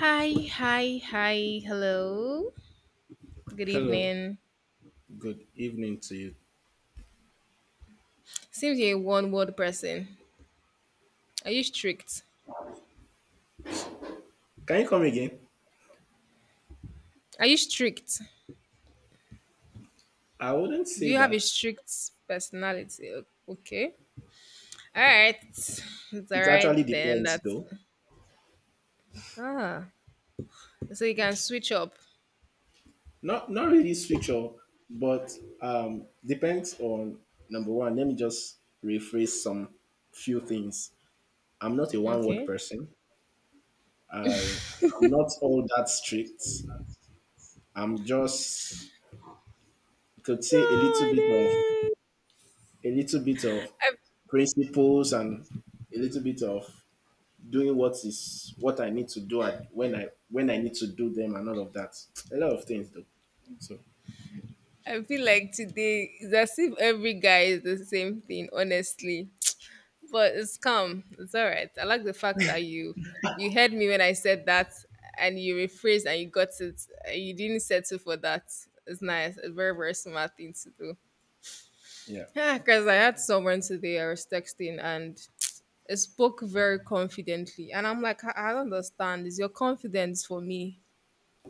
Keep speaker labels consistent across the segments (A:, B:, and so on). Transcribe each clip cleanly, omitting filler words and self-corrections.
A: Hi, hi, hi, hello. Good
B: Hello,
A: evening.
B: good evening to you.
A: Seems you're a one word person. Are you strict?
B: Can you come again?
A: Are you strict?
B: I wouldn't
A: Do
B: say
A: you have a
B: that.
A: strict personality? Okay. All right. It's all
B: It
A: right
B: actually
A: then.
B: depends
A: That's.
B: though.
A: Ah. So you can switch up.
B: Not really switch up, but depends on number one. Let me just rephrase some few things. I'm not a one word
A: Okay.
B: person. I I'm not all that strict. I'm just you could
A: No,
B: say a little
A: I
B: bit of
A: didn't.
B: a little bit of
A: I,
B: principles and a little bit of doing what is what I need to do at when I need to do them and all of that. A lot of things though. So
A: I feel like today is as if every guy is the same thing, honestly. But it's calm. It's all right. I like the fact that you heard me when I said that, and you rephrased and you got it. You didn't settle for that. It's nice. A very very smart thing to do.
B: yeah.
A: Yeah, because I had someone today I was texting and it spoke very confidently, and I'm like, I don't understand. Is your confidence for me?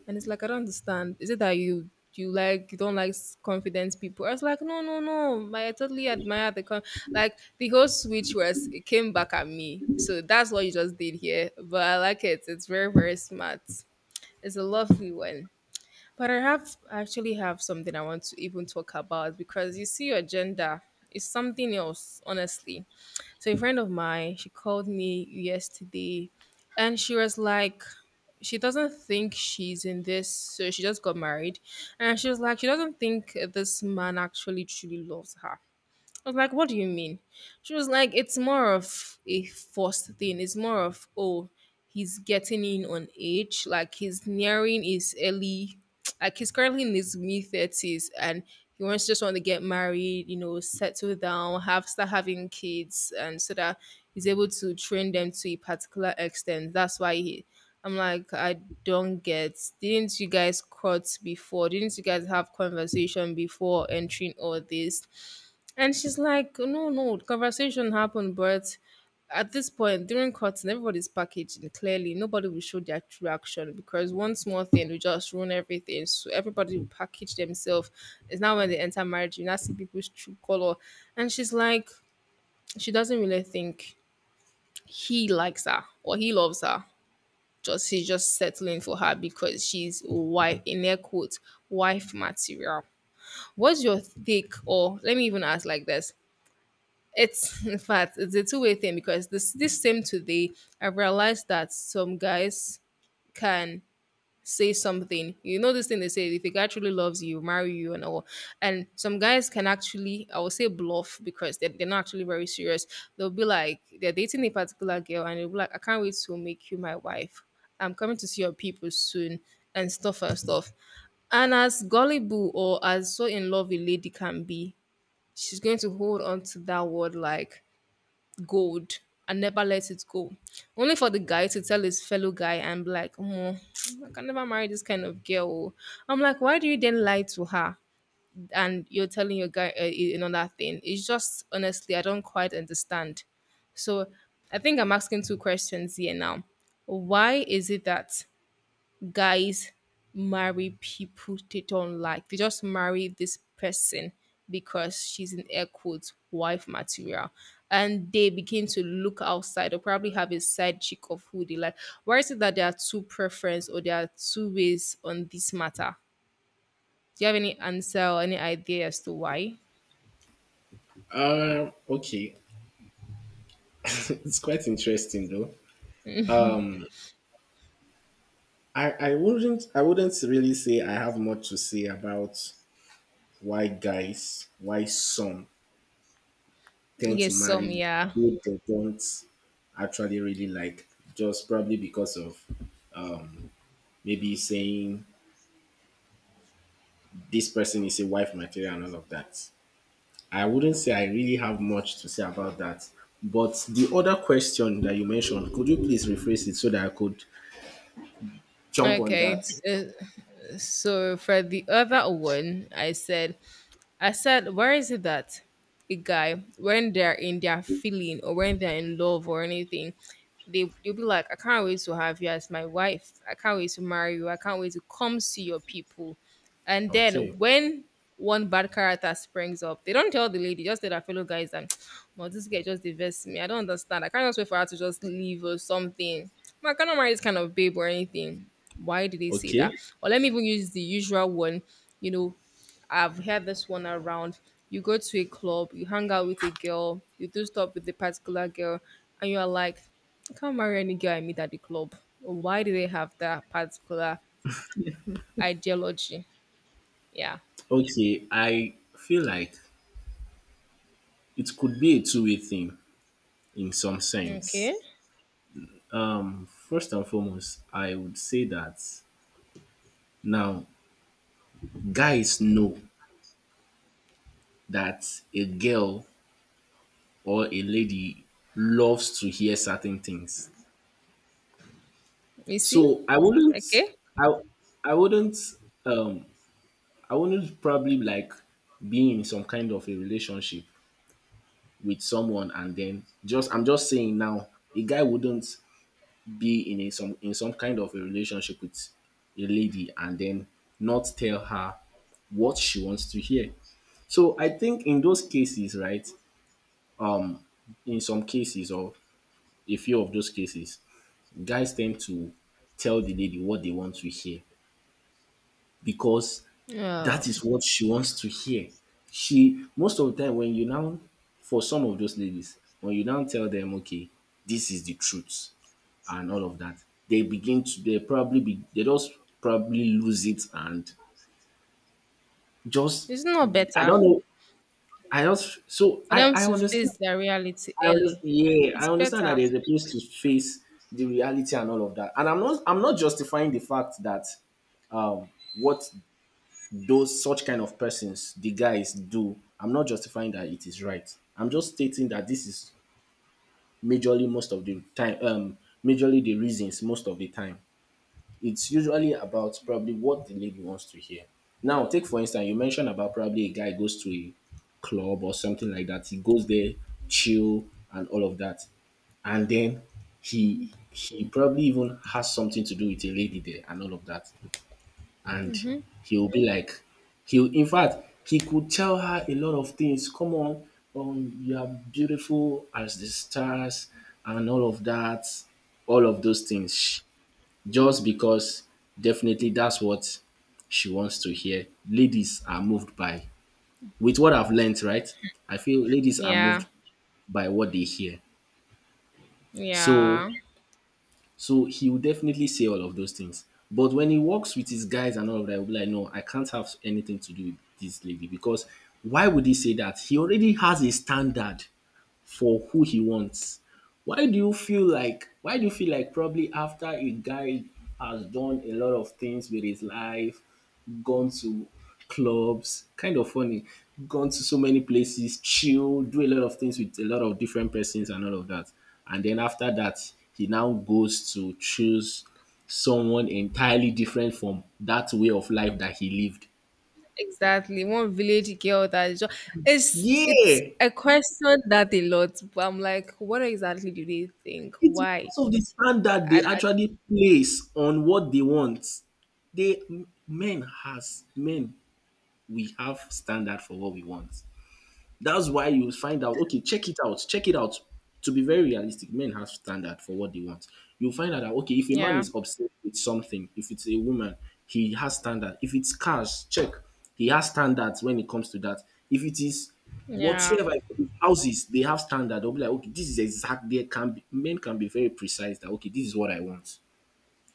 A: And it's like I don't understand. Is it that you like you don't like confident people? I was like, no, no, no. Like, I totally admire the con like the whole switch was it came back at me. So that's what you just did here. But I like it. It's very, very smart. It's a lovely one. But I actually have something I want to even talk about because you see your gender is something else, honestly. So a friend of mine, she called me yesterday and she was like she doesn't think she's in this so she just got married and she was like she doesn't think this man actually truly loves her. I was like, what do you mean? She was like, it's more of a forced thing. It's more of, oh, he's getting in on age. Like he's nearing his early, like he's currently in his mid 30s and he wants just want to get married, you know, settle down, have start having kids and so that he's able to train them to a particular extent. That's why he I'm like, I don't get. Didn't you guys cut before? Didn't you guys have conversation before entering all this? And she's like, no, no, conversation happened, but at this point, during cutting, everybody's packaged and clearly nobody will show their true action because one small thing will just ruin everything. So everybody will package themselves. It's now when they enter marriage, you now see people's true color. And she's like, she doesn't really think he likes her or he loves her. Just he's just settling for her because she's wife in air quotes wife material. What's your take? Or let me even ask like this. It's in fact it's a two-way thing because this same today I realized that some guys can say something. You know this thing they say if a guy truly loves you, marry you and all. And some guys can actually I will say bluff because they're not actually very serious. They'll be like they're dating a particular girl and they'll be like, I can't wait to make you my wife. I'm coming to see your people soon and stuff and stuff. And as gullible or as so in love a lady can be, she's going to hold on to that word like gold and never let it go. Only for the guy to tell his fellow guy and be like, "Omo, I can never marry this kind of girl, oh." I'm like, why do you then lie to her? And you're telling your guy another thing. It's just, honestly, I don't quite understand. So I think I'm asking two questions here now. Why is it that guys marry people they don't like? They just marry this person because she's in air quotes wife material. And they begin to look outside or probably have a side chick of who they like. Why is it that there are two preference or there are two ways on this matter? Do you have any answer or any idea as to why?
B: Okay. It's quite interesting though. I wouldn't really say I have much to say about why some tend to
A: Yes, some,
B: marry
A: yeah.
B: who they don't actually really like. Just probably because of maybe saying this person is a wife material and all of that. I wouldn't say I really have much to say about that. But the other question that you mentioned, could you please rephrase it so that I could jump on that?
A: Okay. So for the other one, I said, where is it that a guy, when they're in their feeling or when they're in love or anything, they you'll be like, I can't wait to have you as my wife. I can't wait to marry you. I can't wait to come see your people. And then
B: Okay.
A: when one bad character springs up, they don't tell the lady, just tell their fellow guys that, well, this guy just diverts me. I don't understand. I can't just wait for her to just leave or something. I cannot marry this kind of babe or anything. Why did they say
B: Okay.
A: that? Or let me even use the usual one, you know, I've heard this one around. You go to a club, you hang out with a girl, you do stuff with a particular girl, and you are like, I can't marry any girl I meet at the club. Why do they have that particular ideology? Yeah.
B: Okay. I feel like it could be a two-way thing in some sense.
A: Okay.
B: First and foremost, I would say that now guys know that a girl or a lady loves to hear certain things.
A: You see?
B: So
A: Okay.
B: I I wouldn't um I wouldn't probably like being in some kind of a relationship with someone, and then just I'm just saying now a guy wouldn't be in some kind of a relationship with a lady and then not tell her what she wants to hear. So I think in those cases, right? Um in some cases or a few of those cases, guys tend to tell the lady what they want to hear because
A: Um,
B: that is what she wants to hear. She most of the time when you now for some of those ladies, when you now tell them, okay, this is the truth and all of that, they begin to they probably be they just probably lose it and just
A: it's not
B: I
A: better
B: don't know. I just so
A: for
B: I
A: them
B: I
A: to
B: understand.
A: face their reality
B: I understand.
A: early.
B: Yeah, I
A: It's
B: understand
A: better.
B: that there's a place to face the reality and all of that. And I'm not justifying the fact that um what those such kind of persons, the guys do. I'm not justifying that it is right. I'm just stating that this is majorly most of the time, majorly the reasons most of the time. It's usually about probably what the lady wants to hear. Now, take for instance, you mentioned about probably a guy goes to a club or something like that. He goes there, chill, and all of that, and then he probably even has something to do with a lady there and all of that, and he'll be like he'll in fact, he could tell her a lot of things, come on, you are beautiful as the stars and all of that, all of those things, just because definitely that's what she wants to hear. Ladies are moved by With what I've learned, right, I feel ladies are
A: Yeah.
B: moved by what they hear. so
A: Yeah.
B: So he will definitely say all of those things. But when he works with his guys and all of that, he'll be like, no, I can't have anything to do with this lady. Because why would he say that? He already has a standard for who he wants. Why do you feel like why do you feel like probably after a guy has done a lot of things with his life, gone to clubs, kind of funny, gone to so many places, chill, do a lot of things with a lot of different persons and all of that. And then after that, he now goes to choose someone entirely different from that way of life that he lived.
A: Exactly. One village girl that is just it's
B: Yeah.
A: I question that a lot, but I'm like, what exactly do they think?
B: It's
A: Why?
B: because of the standard they
A: I
B: actually place on what they want. They m- men has men, we have standard for what we want. That's why you find out, okay, check it out, check it out. To be very realistic, men have standard for what they want. You'll find out that okay, if a man
A: Yeah,
B: is obsessed with something, if it's a woman, he has standard. If it's cars, check, he has standards when it comes to that. If it is
A: yeah.
B: if it's houses, they have standard. They'll be like, okay, this is exact. They can be men can be very precise that okay, this is what I want.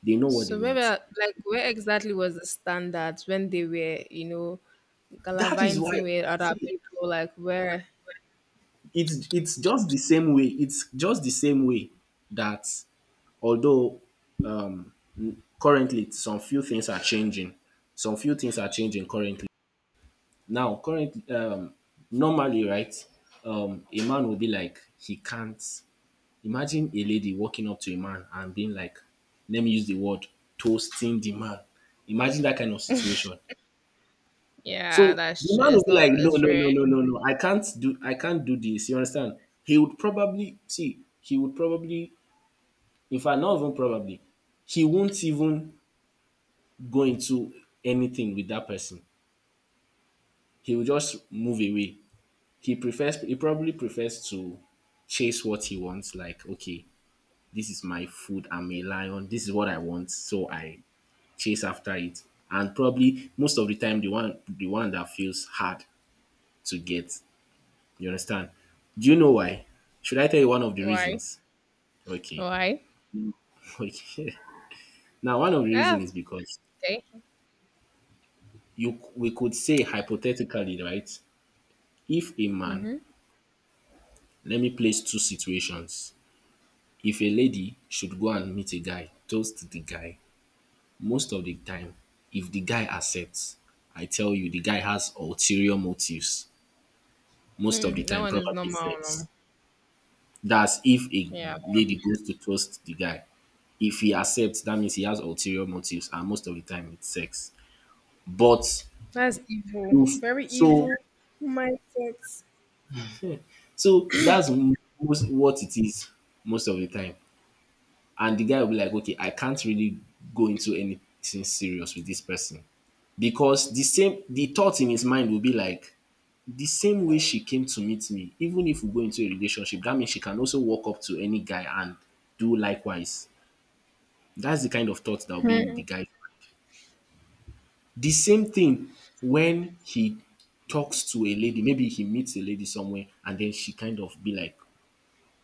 B: They know what they
A: So maybe
B: want.
A: like where exactly was the standard when they were,
B: That is why,
A: gallivanting with other
B: see,
A: people? Like where?
B: it's just the same way. It's just the same way that although um currently some few things are changing. Some few things are changing currently. Now, currently, normally, right, a man will be like, he can't. Imagine a lady walking up to a man and being like, let me use the word, toasting the man. Imagine that kind of situation.
A: Yeah,
B: So the
A: that's true.
B: man will
A: It's
B: be
A: not
B: like, no,
A: as
B: no,
A: rare.
B: no, no, no, no, I can't do this. You understand? He would probably see. He would probably, in fact, not even probably, he won't even go into anything with that person. He will just move away. He probably prefers to chase what he wants, like, okay, this is my food, I'm a lion, this is what I want, so I chase after it. And probably most of the time the one that feels hard to get. You understand? Do you know why? Should I tell you one of the
A: Why?
B: reasons? Okay.
A: Why?
B: Okay. Now one of the
A: Ah,
B: reasons is because
A: okay.
B: you we could say hypothetically, right? If a man
A: Mm-hmm.
B: Let me place two situations. If a lady should go and meet a guy, toast the guy, most of the time, if the guy accepts, I tell you the guy has ulterior motives. Most of
A: Hmm,
B: the
A: that
B: time,
A: one is
B: probably
A: normal. No?
B: sex. That's if a
A: Yeah.
B: lady goes to toast the guy. If he accepts, that means he has ulterior motives, and most of the time it's sex. But
A: That's evil.
B: if
A: Very
B: so
A: evil mindset.
B: so that's most what it is most of the time. And the guy will be like, okay, I can't really go into anything serious with this person. Because the thought in his mind will be like, the same way she came to meet me, even if we go into a relationship, that means she can also walk up to any guy and do likewise. That's the kind of thought that will be in the guy. The same thing when he talks to a lady, maybe he meets a lady somewhere and then she kind of be like,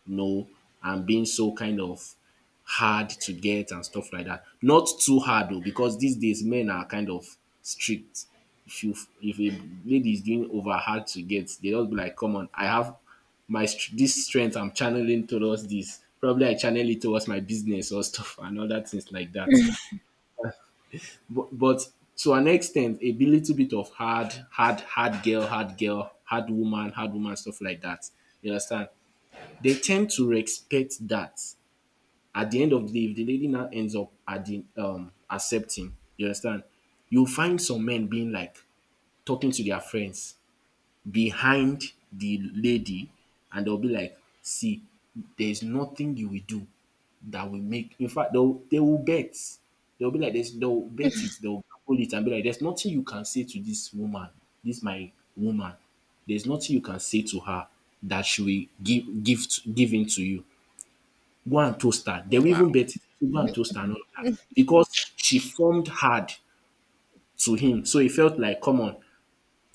B: no, and being so kind of hard to get and stuff like that. Not too hard though, because these days men are kind of strict. If you if a lady is doing over hard to get, they don't be like, "Come on, I have this strength. I'm channeling towards this. Probably I channel it towards my business or stuff and other things like that." But to an extent, a little bit of hard, hard, hard girl, hard girl, hard woman, stuff like that. You understand? They tend to respect that at the end of the day, if the lady now ends up at the accepting, you understand, you'll find some men being like talking to their friends behind the lady, and they'll be like, see, there's nothing you will do that will make in fact they'll they will bet. They'll be like this, they'll bet it, they'll pull it and be like, there's nothing you can say to this woman, this my woman. There's nothing you can say to her that she will give in to you, go and toast her. They will
A: Wow.
B: even bet it. Go and toast her and all that. Because she formed hard to him. So he felt like, come on,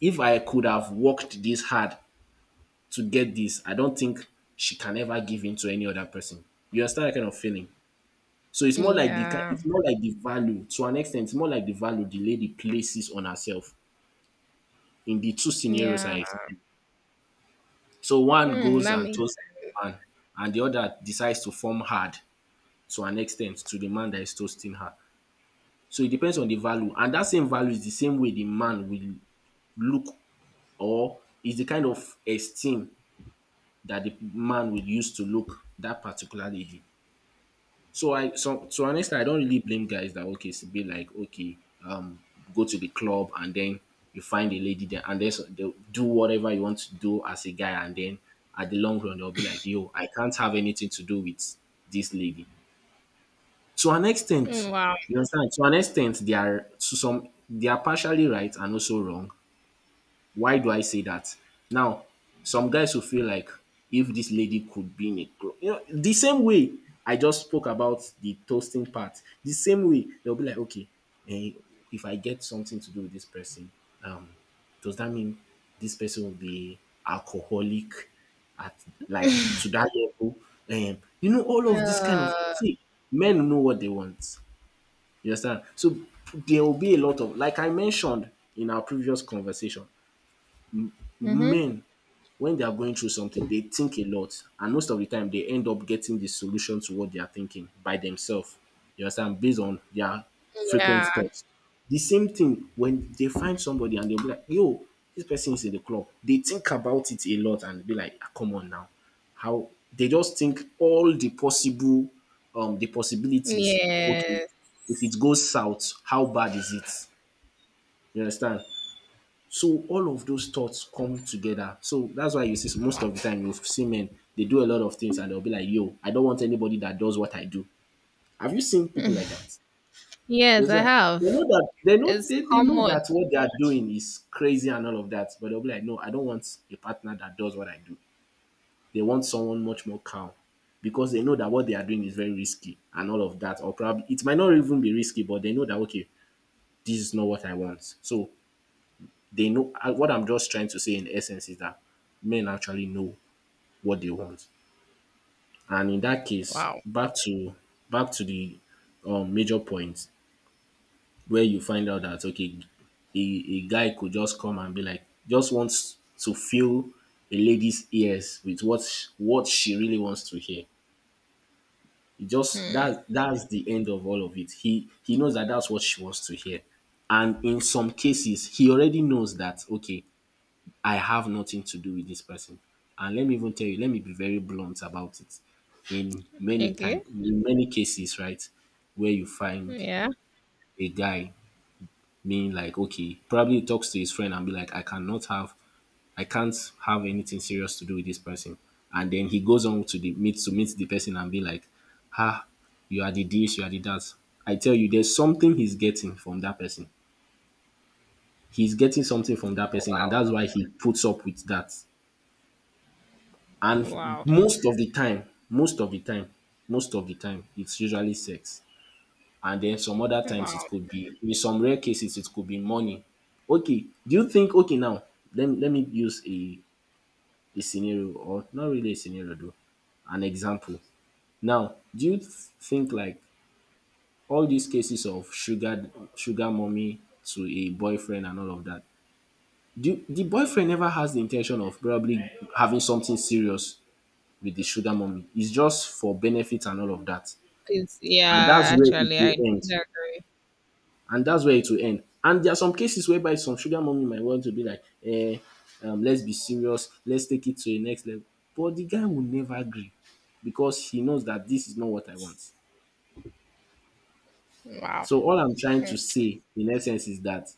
B: if I could have worked this hard to get this, I don't think she can ever give in to any other person. You understand that kind of feeling? So it's more like the ki-
A: Yeah.
B: it's more like the value, to an extent. It's more like the value the lady places on herself in the two scenarios I
A: Yeah.
B: explained. So one
A: Mm,
B: goes
A: that
B: and
A: makes
B: toasts
A: sense.
B: the man, and the other decides to form hard to an extent to the man that is toasting her. So it depends on the value, and that same value is the same way the man will look, or is the kind of esteem that the man will use to look that particular lady. So honestly, I don't really blame guys that okay to be like okay um go to the club and then you find a lady there and then they'll do whatever you want to do as a guy, and then at the long run they'll be like, yo, I can't have anything to do with this lady. To an extent,
A: Mm, wow.
B: you understand? To an extent, they are to some they are partially right and also wrong. Why do I say that? Now, some guys will feel like if this lady could be in a club, you know, the same way I just spoke about the toasting part, the same way they'll be like, okay, eh, if I get something to do with this person, um, does that mean this person will be alcoholic at like to that level? All of this kind of
A: Uh,
B: see, men know what they want. You understand? So there will be a lot of, like I mentioned in our previous conversation,
A: mm-hmm.
B: men, when they are going through something, they think a lot, and most of the time they end up getting the solution to what they are thinking by themselves. You understand? Based on their frequent
A: Yeah.
B: thoughts. The same thing when they find somebody and they'll be like, yo, this person is in the club. They think about it a lot and be like, "Ah, come on now. How they just think all the possible the possibilities. Okay,
A: Yes.
B: if it goes south, how bad is it? You understand? So all of those thoughts come together. So that's why you see, most of the time you see men, they do a lot of things and they'll be like, "Yo, I don't want anybody that does what I do." Have you seen people like that?
A: Yes,
B: It's
A: I
B: like they know
A: have.
B: that they know
A: It's
B: they know
A: common.
B: that what they are doing is crazy and all of that, but they'll be like, "No, I don't want a partner that does what I do." They want someone much more calm because they know that what they are doing is very risky and all of that, or probably it might not even be risky, but they know that okay, this is not what I want. So they know what I'm just trying to say in essence is that men actually know what they want. And in that case,
A: Wow.
B: back to the major points where you find out that okay, a guy could just come and be like, just wants to fill a lady's ears with what what she really wants to hear. It just that that's the end of all of it. He knows that that's what she wants to hear, and in some cases, he already knows that okay, I have nothing to do with this person. And let me even tell you, let me be very blunt about it. In many time,
A: Okay.
B: in many cases, right, where you find
A: Yeah.
B: a guy being like, okay, probably talks to his friend and be like, I cannot have, I can't have anything serious to do with this person. And then he goes on to meet the person and be like, ah, you are the this, you are the that. I tell you, there's something he's getting from that person. He's getting something from that person, and
A: Wow.
B: that's why he puts up with that. And
A: Wow.
B: most of the time, it's usually sex. And then some other times it
A: Wow.
B: could be, in some rare cases, it could be money. Okay, do you think, okay, now, let me use a scenario, or not really a scenario, though, an example. Now, think like all these cases of sugar mommy to a boyfriend and all of that, the boyfriend never has the intention of probably having something serious with the sugar mummy. It's just for benefit and all of that.
A: It's,
B: And
A: yeah,
B: that's where it
A: actually,
B: will
A: I do
B: end.
A: agree.
B: And that's where it will end. And there are some cases whereby some sugar mummy might want to be like, let's be serious, let's take it to the next level. But the guy will never agree because he knows that this is not what I want.
A: Wow.
B: So all I'm trying to say, in essence, is that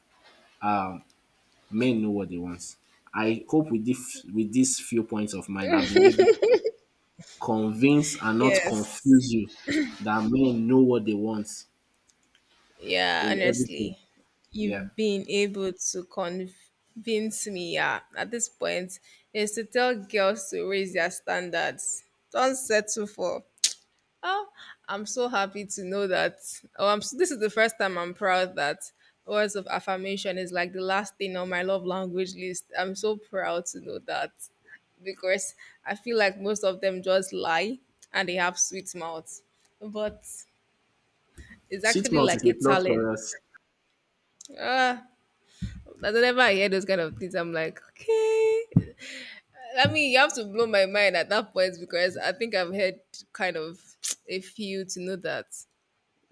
B: um, men know what they want. I hope with this with these few points of mine, I've been able to convince and not
A: Yes.
B: confuse you that men know what they want
A: Yeah,
B: in everything.
A: honestly,
B: Yeah.
A: you've been able to convince me. Yeah, at this point, is to tell girls to raise their standards. Don't settle for. Oh, I'm so happy to know that. Oh, This is the first time I'm proud that words of affirmation is like the last thing on my love language list. I'm so proud to know that because I feel like most of them just lie and they have sweet mouths. But it's
B: Six
A: actually
B: months is
A: like
B: a
A: a
B: plus
A: talent.
B: for us.
A: Ah, that whenever I don't ever hear those kind of things. I'm like, okay. I mean, you have to blow my mind at that point because I think I've heard kind of a few to know that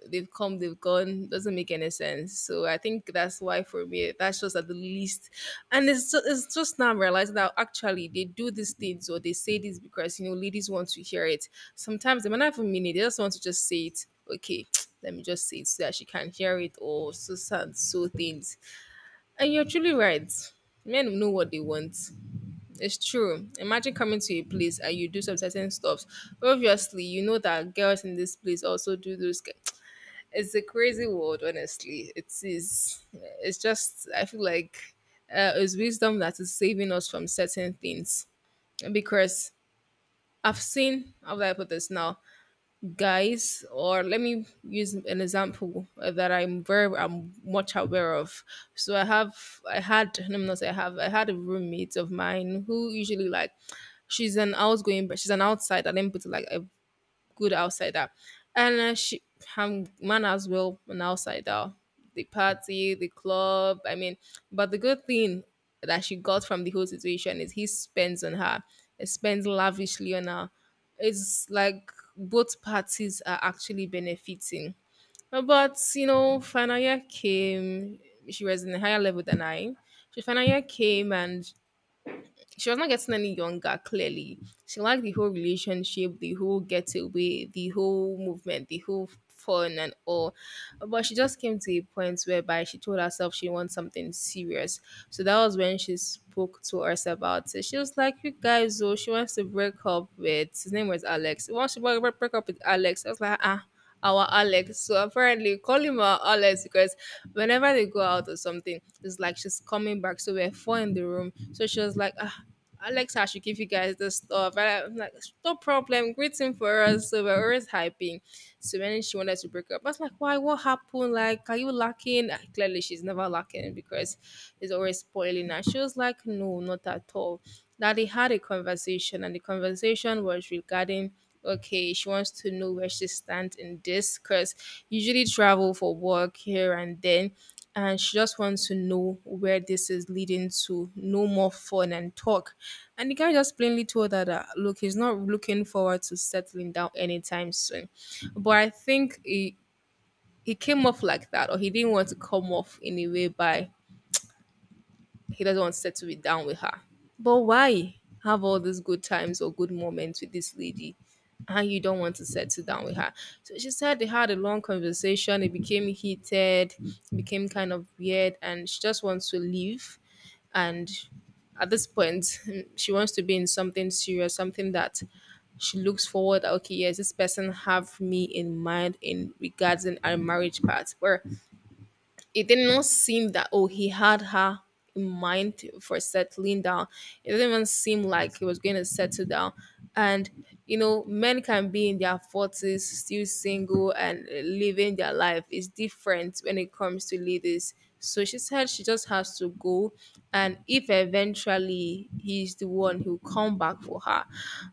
A: they've come, they've gone, doesn't make any sense. So I think that's why for me, that's just at the least. And it's just now I'm realizing that actually they do these things or they say this because ladies want to hear it. Sometimes they might not even mean it, they just want to just say it. Okay, let me just say it so that she can hear it or so things and you're truly right. Men know what they want. It's true. Imagine coming to a place and you do some certain stuff. Obviously, you know that girls in this place also do those. It's a crazy world, honestly. It is. It's just. I feel like it's wisdom that is saving us from certain things because I've seen. How do I put this now? Guys, or let me use an example that I'm much aware of. So I have I had, let me not say I have, I had a roommate of mine who usually like she's an outgoing, but she's an outsider, let me put it like a good outsider. And she, her man as well, an outsider. The party, the club, I mean, but the good thing that she got from the whole situation is he spends on her, he spends lavishly on her. It's like both parties are actually benefiting. But final year came, she was in a higher level than I. She final year came and she was not getting any younger. Clearly she liked the whole relationship, the whole getaway, the whole movement, the whole fun and all, but she just came to a point whereby she told herself she wants something serious. So that was when she spoke to us about it. She was like, you guys, oh, she wants to break up with, his name was Alex, she wants to break up with Alex. I was like, ah, our Alex. So apparently, we call him our Alex because whenever they go out or something, it's like she's coming back. So we're four in the room. So she was like, ah, Alex, I should give you guys this stuff. And I'm like, no problem. Greet for us. So we're always hyping. So when she wanted to break up, I was like, why? What happened? Like, are you lacking? Ah, clearly, she's never lacking because it's always spoiling. And she was like, no, not at all that they had a conversation, and the conversation was regarding okay she wants to know where she stands in this because usually travel for work here and then and she just wants to know where this is leading to, no more fun and talk. And the guy just plainly told her that look, he's not looking forward to settling down anytime soon. But I think he came off like that, or he didn't want to come off in a way by he doesn't want to settle it down with her. But why have all these good times or good moments with this lady and you don't want to settle down with her? So she said they had a long conversation. It became heated, it became kind of weird, and she just wants to leave. And at this point, she wants to be in something serious, something that she looks forward, okay, yes, this person have me in mind in regards in our marriage part where it did not seem that oh, he had her in mind for settling down. It didn't even seem like he was going to settle down. And you know, men can be in their forties still single and living their life. It's different when it comes to ladies. So she said she just has to go, and if eventually he's the one, he'll come back for her.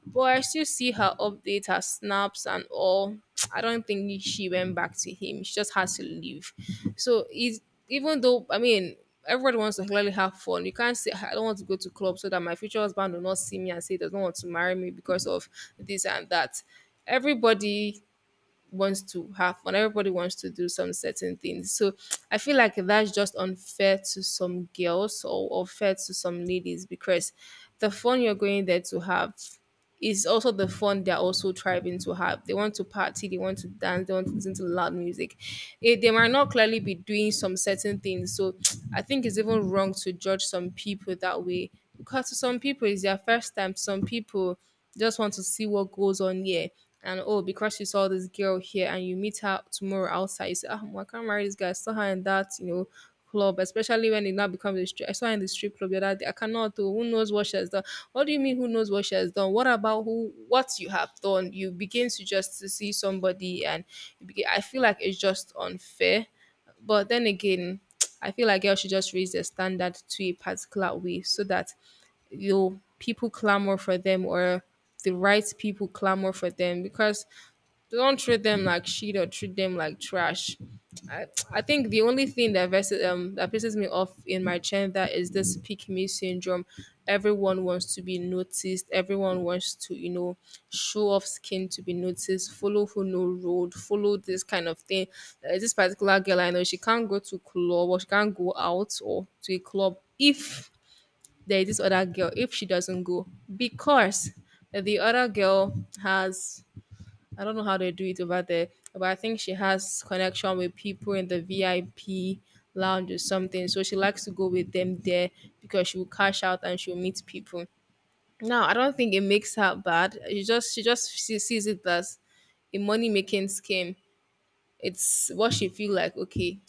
A: But I still see her update, her snaps, and all. I don't think she went back to him. She just has to leave. So it's even though I mean everybody wants to clearly have fun. You can't say I don't want to go to club so that my future husband will not see me and say he doesn't want to marry me because of this and that. Everybody wants to have fun. Everybody wants to do some certain things. So I feel like that's just unfair to some girls or unfair to some ladies, because the fun you're going there to have is also the fun they're also striving to have. They want to party, they want to dance, they want to listen to loud music. Eh, they might not clearly be doing some certain things. So I think it's even wrong to judge some people that way, because to some people it's their first time. To some people just want to see what goes on here. And oh, because you saw this girl here and you meet her tomorrow outside, you say, ah, well, I can't marry this guy. I saw her in that, you know, club, especially when it now becomes a strip. I saw her in the strip club the other day. I cannot do. Who knows what she has done? What do you mean? Who knows what she has done? What about who? What you have done? You begin to just to see somebody, and you begin, I feel like it's just unfair. But then again, I feel like girls should just raise their standard to a particular way so that you people clamor for them, or the right people clamor for them, because they don't treat them like shit or treat them like trash. I, I think the only thing that versus, that pisses me off in my gender is this pick me syndrome. Everyone wants to be noticed. Everyone wants to you know show off skin to be noticed. Follow who no road. Follow this kind of thing. There's this particular girl I know, she can't go to club or she can't go out or to a club if there's this other girl if she doesn't go, because the other girl has I don't know how they do it over there, but I think she has connection with people in the VIP lounge or something. So she likes to go with them there because she will cash out and she'll meet people. No, I don't think it makes her bad. She just she sees it as a money making scheme. It's what she feel like. Okay,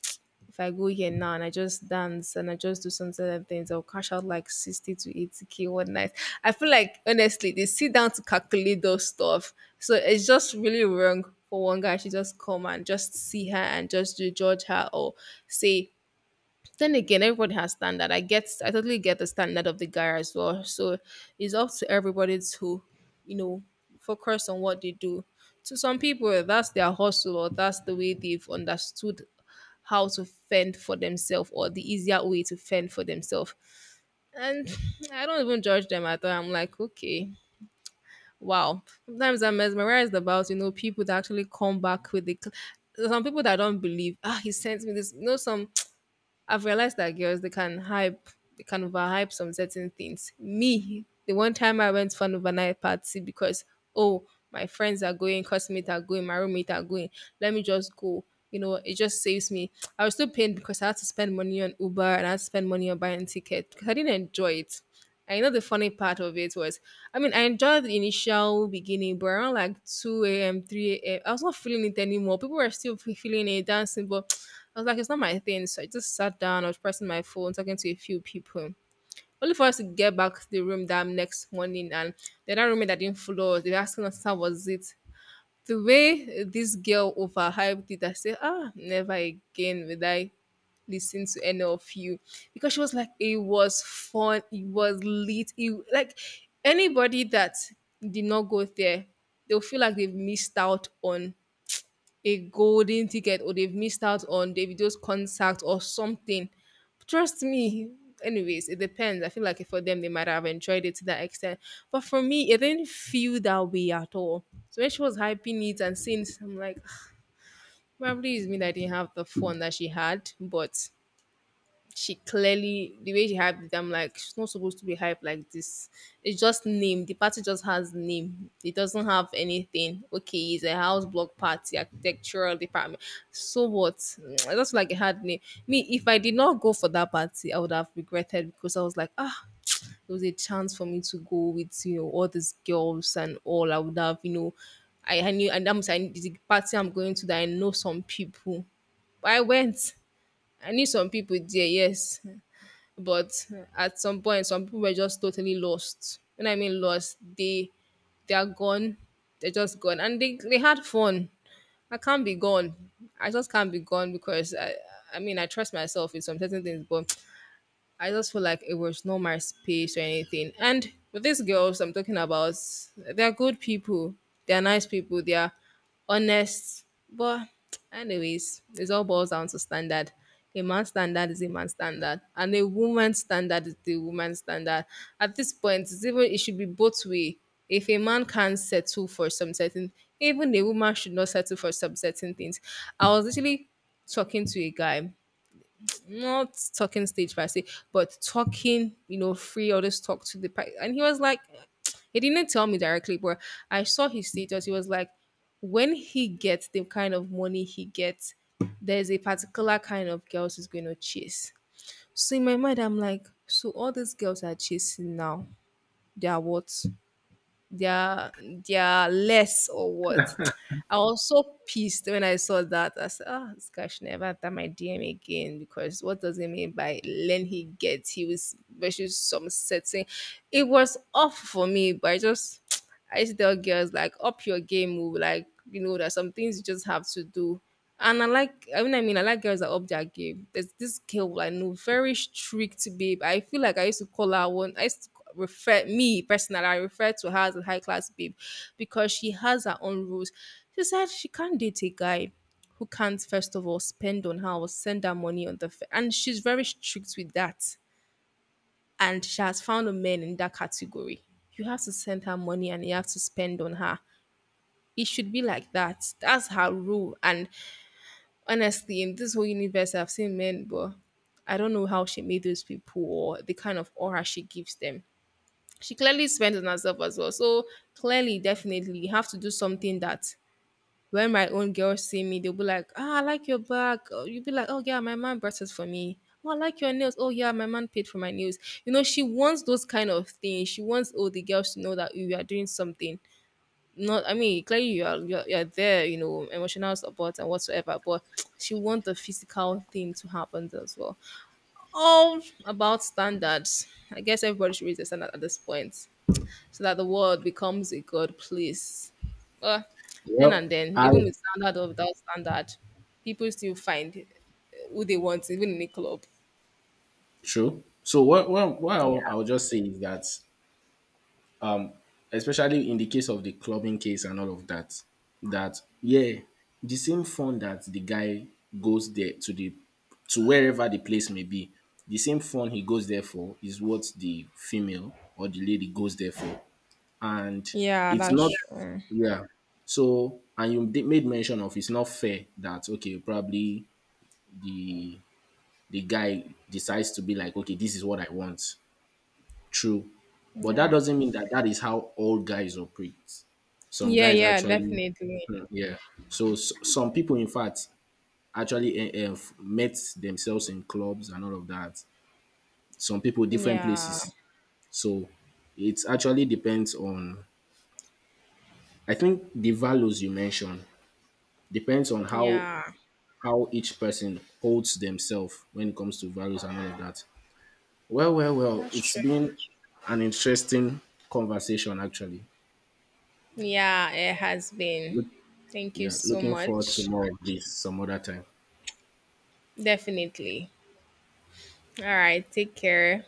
A: if I go here now and I just dance and I just do some certain things, I'll cash out like 60 to 80k one night. I feel like honestly, they sit down to calculate those stuff. So it's just really wrong for one guy to just come and just see her and just to judge her or say then again, everybody has standard. I get, I totally get the standard of the guy as well. So it's up to everybody to, you know, focus on what they do. To some people, that's their hustle, or that's the way they've understood how to fend for themselves, or the easier way to fend for themselves. And I don't even judge them at all. I'm like, okay, wow. Sometimes I'm mesmerized about, you know, people that actually come back with the. Some people that don't believe, ah, he sent me this. You know, some I've realized that girls they can hype, they can overhype some certain things. Me, the one time I went for an overnight party because oh, my friends are going, classmates are going, my roommate are going. Let me just go. You know, it just saves me. I was still pained because I had to spend money on Uber and I had to spend money on buying ticket, because I didn't enjoy it. I know the funny part of it was, I mean, I enjoyed the initial beginning, but around like 2 a.m., 3 a.m., I was not feeling it anymore. People were still feeling it, dancing, but I was like, it's not my thing. So I just sat down, I was pressing my phone, talking to a few people. Only for us to get back to the room that next morning, and the other roommate that didn't follow us, they were asking us how was it. The way this girl overhyped it, I said, ah, never again will I listen to any of you. Because she was like, it was fun, it was lit. It, like anybody that did not go there, they'll feel like they've missed out on a golden ticket, or they've missed out on Davido's concert or something. Trust me. Anyways, it depends. I feel like for them, they might have enjoyed it to that extent. But for me, it didn't feel that way at all. So when she was hyping it and saying, this, I'm like, probably it's me that didn't have the fun that she had. But she clearly the way she hyped it, I'm like, she's not supposed to be hyped like this. It's just name. The party just has name. It doesn't have anything. Okay, it's a house block party, architectural department. So what? I just feel like a hard name. Me, if I did not go for that party, I would have regretted because I was like, ah, there was a chance for me to go with you know all these girls and all. I would have you know, I knew and I'm saying the party I'm going to that I know some people. But I went. I knew some people there, yes. But at some point, some people were just totally lost. When I mean lost, they are gone. They're just gone, and they had fun. I can't be gone. I just can't be gone because I mean I trust myself in some certain things, but I just feel like it was not my space or anything. And with these girls I'm talking about, they're good people. They're nice people. They're honest. But anyways, it all boils down to standard. A man's standard is a man's standard, and a woman's standard is the woman's standard. At this point, it's even it should be both way. If a man can't settle for some certain, even a woman should not settle for some certain things. I was actually talking to a guy, not talking stage per se, but talking, you know, free. All this talk to the and he was like, he didn't tell me directly, but I saw his status. He was like, when he gets the kind of money he gets, there's a particular kind of girls he's going to chase. So in my mind, I'm like, so all these girls are chasing now, they are what? they're they're less or what. I was so pissed when I saw that. I said, "Ah, this guy should never enter my DM again, because what does it mean by learn he gets? He was versus some setting. It was off for me, but I just I used to tell girls like up your game, oh, like you know, there's some things you just have to do. And I like, I mean, I like girls that up their game. There's this girl I know, very strict babe. I feel like I used to call her one. I used to refer me personally. I refer to her as a high class babe because she has her own rules. She said she can't date a guy who can't first of all spend on her or send her money on the and she's very strict with that, and she has found a man in that category. You have to send her money and you have to spend on her. It should be like that. That's her rule. And honestly, in this whole universe, I've seen men, but I don't know how she made those people or the kind of aura she gives them. She clearly spends on herself as well. So clearly, definitely, you have to do something that when my own girls see me, they'll be like, ah, I like your bag. Oh, you'll be like, oh, yeah, my man brought it for me. Oh, I like your nails. Oh, yeah, my man paid for my nails. You know, she wants those kind of things. She wants all the girls to know that "Oh, you are doing something. Not, I mean, clearly you are, you're there, you know, emotional support and whatsoever, but she wants the physical thing to happen as well. All about standards. I guess everybody should raise their standard at this point so that the world becomes a good place. Well, then
B: Well,
A: and then,
B: I
A: even with standard or without standard, people still find who they want, even in a club.
B: true. So what
A: Yeah,
B: I'll just say is that especially in the case of the clubbing case and all of that, that yeah, the same fund that the guy goes there to wherever the place may be, the same fund he goes there for is what the female or the lady goes there for. And
A: yeah
B: it's
A: that's
B: not,
A: true.
B: yeah. So, and you made mention of it's not fair that okay, probably the the guy decides to be like, okay, this is what I want. True. But that
A: Yeah.
B: doesn't mean that that is how all guys operate. Some
A: Yeah,
B: guys
A: yeah,
B: actually,
A: definitely.
B: hmm, yeah. So, s some people, in fact, actually met themselves in clubs and all of that. Some people, different
A: Yeah,
B: places. So, it actually depends on, I think, the values you mentioned depends on
A: yeah,
B: how each person holds themselves when it comes to values and all of that. Well,
A: that's
B: it's
A: true.
B: been an interesting conversation, actually.
A: Yeah, it has been.
B: Look,
A: Thank you
B: yeah,
A: so
B: looking forward to
A: much.
B: more of this some other time.
A: Definitely. All right, take care.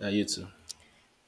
B: Yeah, you too.